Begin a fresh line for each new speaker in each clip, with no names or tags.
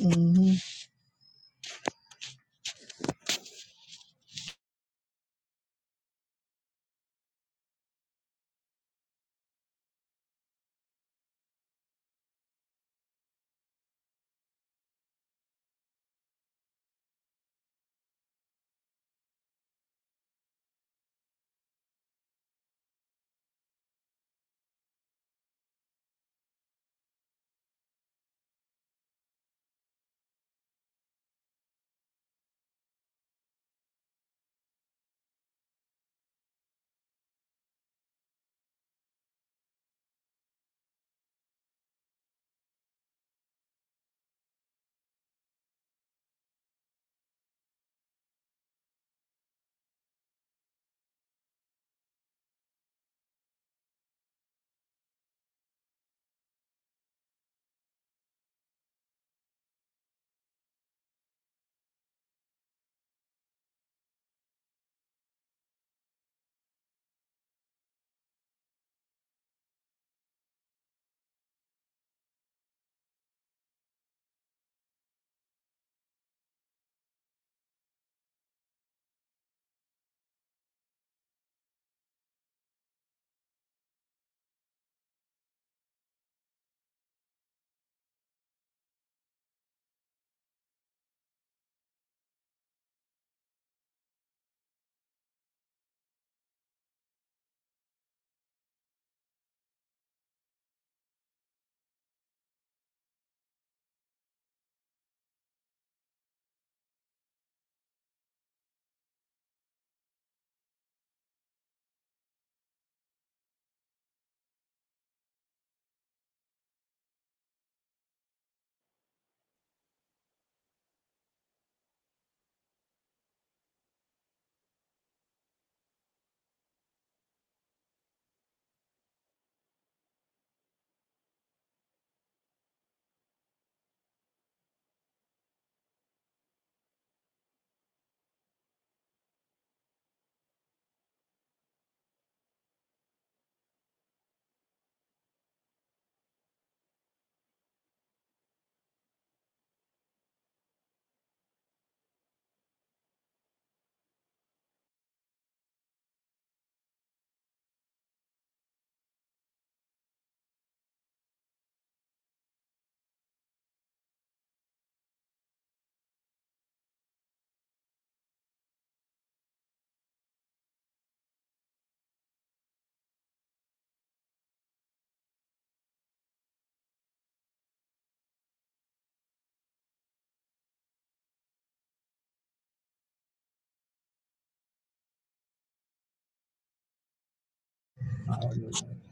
hmm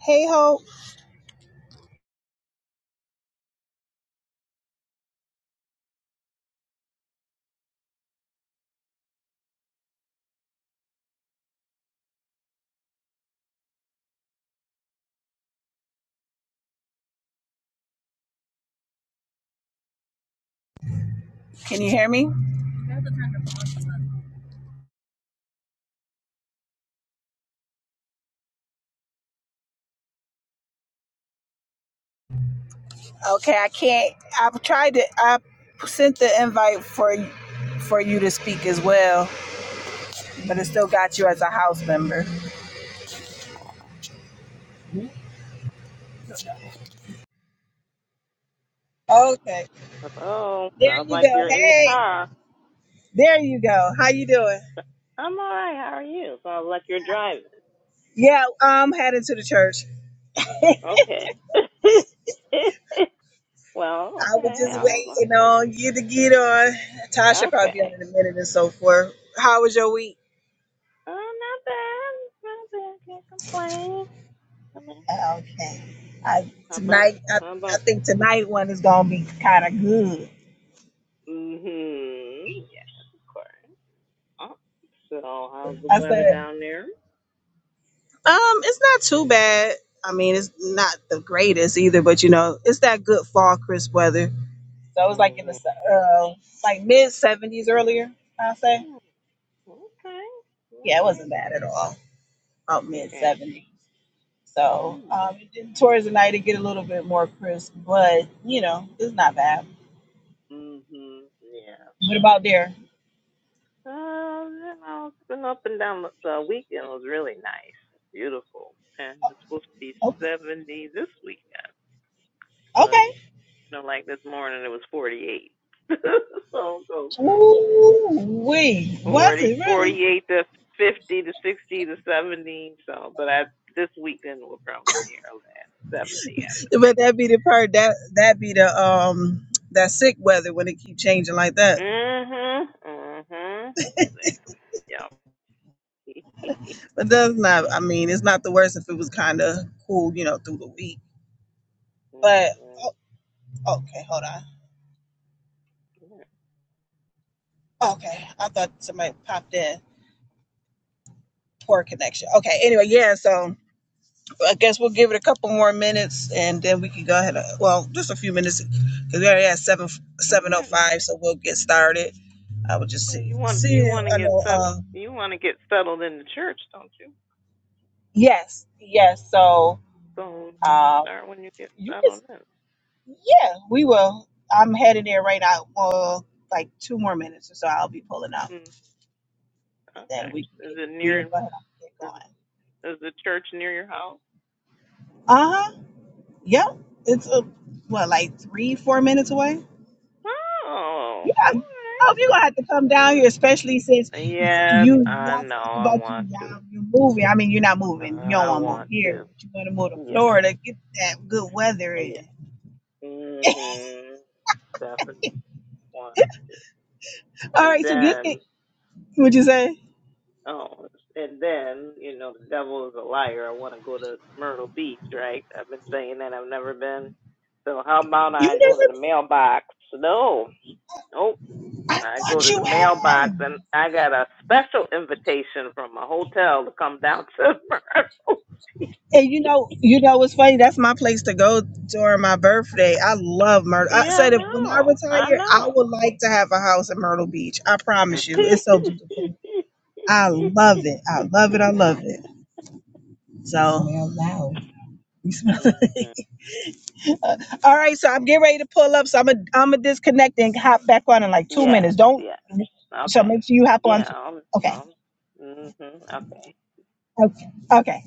Hey ho, can you hear me? Okay, I can't. I've tried to. I sent the invite for for you to speak as well, but it still got you as a house member. Okay,
Oh,
there
Sounds
you
like
go.
you're in the
Hey,
car.
there you go. How you doing?
So, I'm all right. How are you? Sounds like you're driving.
Yeah, I'm heading to the church.
Okay. well,
I was
okay.
just
I don't
waiting on you to get on. Tasha probably be on
Okay.
in a minute and so forth. How was your week?
Oh, not bad. Not bad. Can't complain.
Okay. I
How about?
tonight I,
How
I
about?
think tonight one is gonna be kind of good.
Mm-hmm. Yes, of course. Oh, so, how's the
I
weather
said
down there?
Um, it's not too bad. I mean, it's not the greatest either, but you know, it's that good fall crisp weather. So it was like in the
Mm-hmm.
se- uh, like mid seventies earlier. I would say,
Okay. All
yeah, it
right.
wasn't bad at all. About mid
Okay.
seventies. So
Mm-hmm.
um, it did- towards the night it get a little bit more crisp, but you know, it's not bad.
Yeah.
What about there?
Uh, you know, it's been up and down. but The weekend was really nice, beautiful, and it's supposed to be
Okay.
seventy this weekend, but
Okay.
you know, like this morning it was forty-eight. so it goes from
Ooh, wee. Was
40,
it really?
forty-eight to fifty to sixty to seventy. So, but I this weekend will probably be our seventy, I would
But
think.
that be the part that that be the um that sick weather when it keep changing like that.
Mhm, mhm, exactly. Yep.
But that's not. I mean, it's not the worst if it was kind of cool, you know, through the week.
mhm.
But
Well,
oh, okay, hold on. Okay, I thought somebody popped in. Poor connection. Okay. Anyway, yeah. So I guess we'll give it a couple more minutes, and then we can go ahead. And, well, just a few minutes because we already at seven seven oh
Yeah.
five, so we'll get started. I would just
Well,
see
you want you
see.
want to
I
get
know.
settled.
Uh,
You want to get settled in the church, don't you?
yes. Yes. So.
So so
Uh,
start when you get
you can
settled in.
Yeah, we will. I'm headed there right now. Well, like two more minutes or so, I'll be pulling up,
Mm,
and then
okay.
we can
Is
get
it
we'll
near? Is
go ahead and get
it,
going.
is the church near your house?
Uh huh. Yep. It's a what, like three, four minutes away.
Oh,
Yeah.
all
I hope you're gonna have to come
right.
down
Uh,
here, especially since
Yes,
you
I
y'all
know.
talk
I
about you
want to.
y'all you're moving. I mean, you're not moving. You don't
I
want to move
want
here,
to.
but you want to move to
Yes,
Florida, get that good weather
yes.
in.
Mhm. Definitely want to.
All
And
right. So just get it.
then
Would you say.
Oh, and then, you know, the devil is a liar. I want to go to Myrtle Beach, right? I've been saying that I've never been. So how about
You
I go to the
never.
mailbox? No. Nope.
I
I go
thought
to the
you
mailbox
had.
and I got a special invitation from a hotel to come down to Myrtle Beach.
And you know, you know what's funny? That's my place to go during my birthday. I love Myrtle. I
Yeah, I
said if when I
know. I
retire, I
know.
would like to have a house in Myrtle Beach. I promise you, it's so beautiful. I love it. I love it. I love it. So,
Mhm.
uh, all right. So I'm getting ready to pull up. So I'm gonna I'm gonna disconnect and hop back on in like two
Yes,
minutes. Don't.
yes.
So
Okay.
make sure you hop on.
Yeah. I'm,
Okay.
hmm Okay.
Okay. Okay.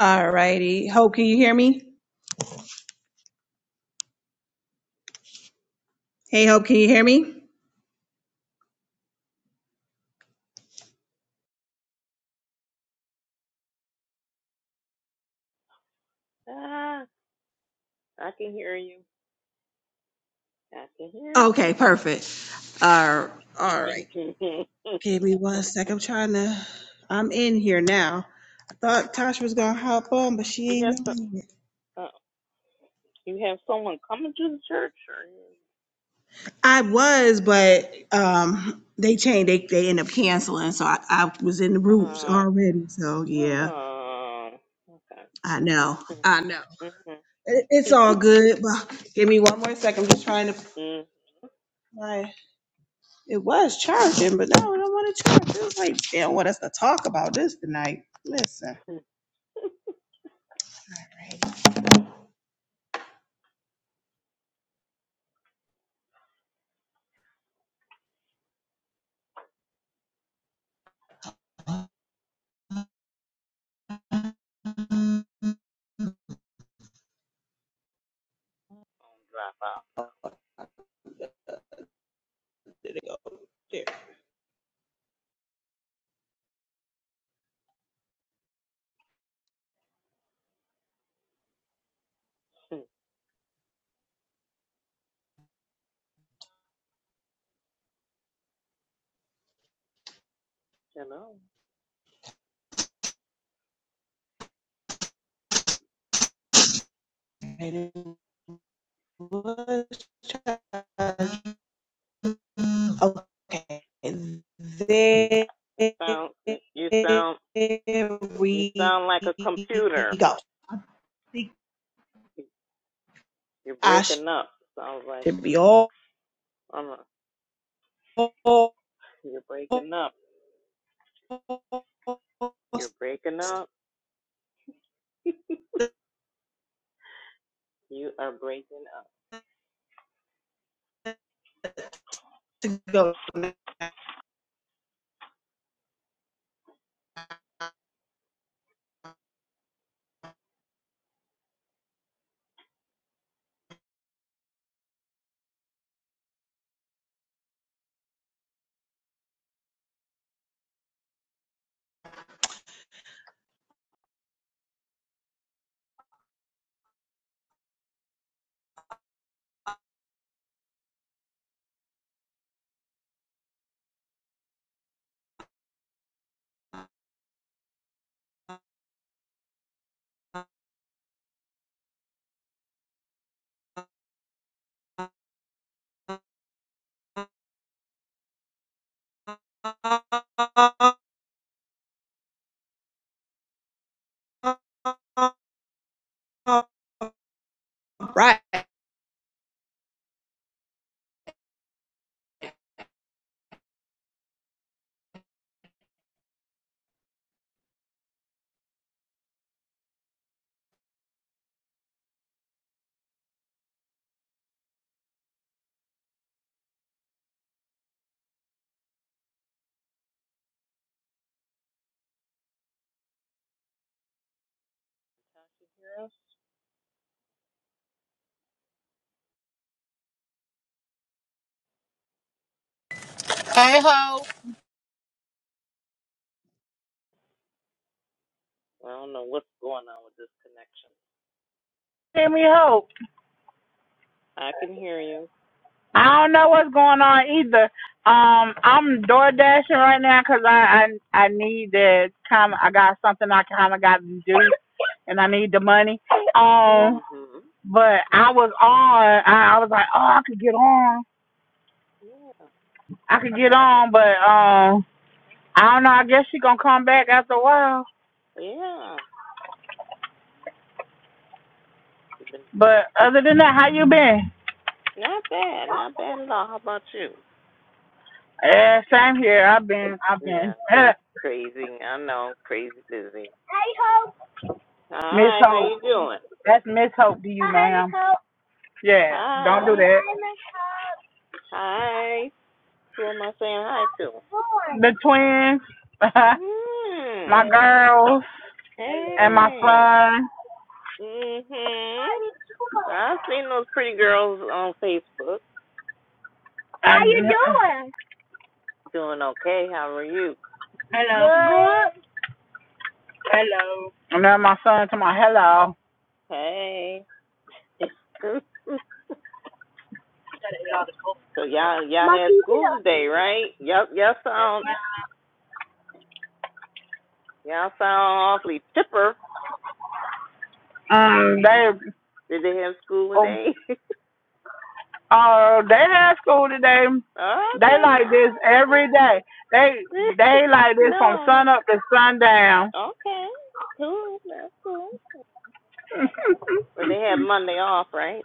All righty. Hope, can you hear me? Hey, Hope, can you hear me?
Ah. I can hear you. I can hear you.
Okay, perfect. All, all right. Give me one sec. I'm trying to. I'm in here now. I thought Tasha was gonna hop on, but she
you have
ain't
some.
on yet.
Uh, you have someone coming to the church,
I was, but um, they changed. They they end up canceling, so I, I was in the
or
groups
uh,
already. So yeah,
oh, okay.
I know. I know. It, it's
Mm-hmm.
all good. But give me one more second. I'm just trying to. My it was charging, but no, I don't want to charge. It was like they don't want us to talk about this tonight. Listen,
Drop out. Hello. It sounds.
okay,
You sound. You sound like a computer. You're
I
breaking up. Sounds like
should
you're.
be all.
I'm a- you're breaking up. You're breaking up. You are breaking up.
to go. Right.
I don't know what's going on with this connection.
Give me hope.
I can hear you.
I don't know what's going on either. Um, I'm door dashing right now 'cause I, I I need the kind of I got something I kind of got to do and I need the money. Um,
Mhm.
but
mm
I was on. I, I was like, oh, I could get on.
Yeah.
I could get on, but um, I don't know. I guess she gonna come back after a while.
Yeah. It's been-
But other than that, how you been?
Not bad. Not bad at all. How about you?
Yeah, same here. I've been I've been
Yeah. Great. Crazy. I know. Crazy busy. Hi.
Miss
How
Hope.
you doing?
That's Miss Hope to you, ma'am. Yeah, don't do
Hi.
that.
Hi. Who am I saying hi to?
the twins,
Hmm.
my girls, and my
Hey.
son.
Mhm. I've seen those pretty girls on Facebook
How you doing?
doing okay. How are you?
Hello. Good. And then my son to my hello.
Hey. So y'all y'all had school today, right? Yep, y'all sound y'all sound awfully chipper.
Um, they,
Did they have school
oh,
today? okay,
uh, they had school today. They like
all
this
right.
every day. They
all right.
they like this
no,
from
I'm
sun up to sundown.
okay. Cool, that's cool. But they had Monday off, right?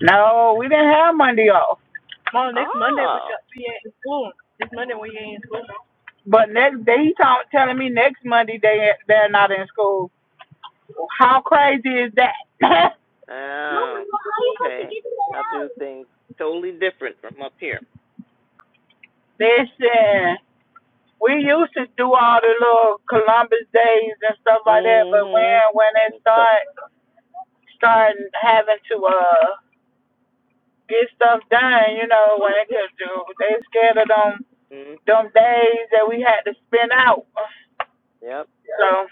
No, we didn't have Monday off.
Oh,
But next day he talk, telling me next Monday they they're not in school. How crazy is that?
oh, okay. Y'all do things totally different from up here.
Listen, we used to do all the little Columbus days and stuff like that, but when
Mhm.
when they start starting having to uh get stuff done, you know, when they could do they scared of them
Mhm.
them days that we had to spin out.
Yep.
So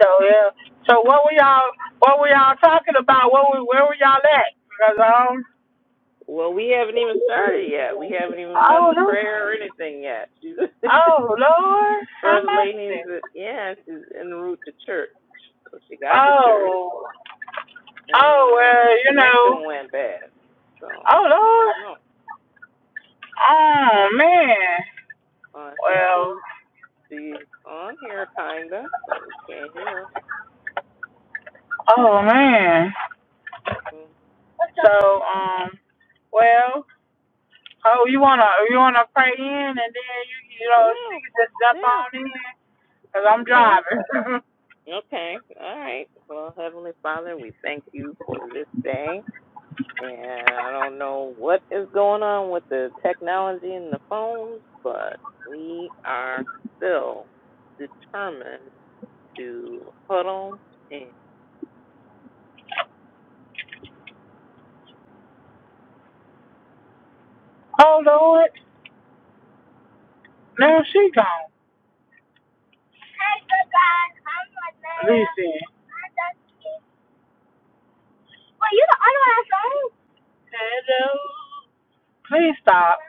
so yeah. So what were y'all what were y'all talking about? What were, where were y'all at? Because um
Well, we haven't even started yet. We haven't even done
oh
the
no
prayer or anything yet.
oh Lord how
First
much this?
ladies, yeah, she's en route to church. So she got to church
Oh
and
oh
uh, the
well you know
connection went bad. So
oh
I
Lord
don't know.
Oh man.
Uh, see
Well.
she's she's on here kinda, but we can't hear her.
Oh man.
Mm.
So um. Well. Oh, you wanna you wanna pray in and then you you know she
Yeah.
can just jump
Yeah.
on in because I'm
Okay.
driving.
Okay. All right. Well, Heavenly Father, we thank you for this day. And I don't know what is going on with the technology and the phones, but we are still determined to huddle and
oh Lord. Now she gone. Listen. Hello. Please stop.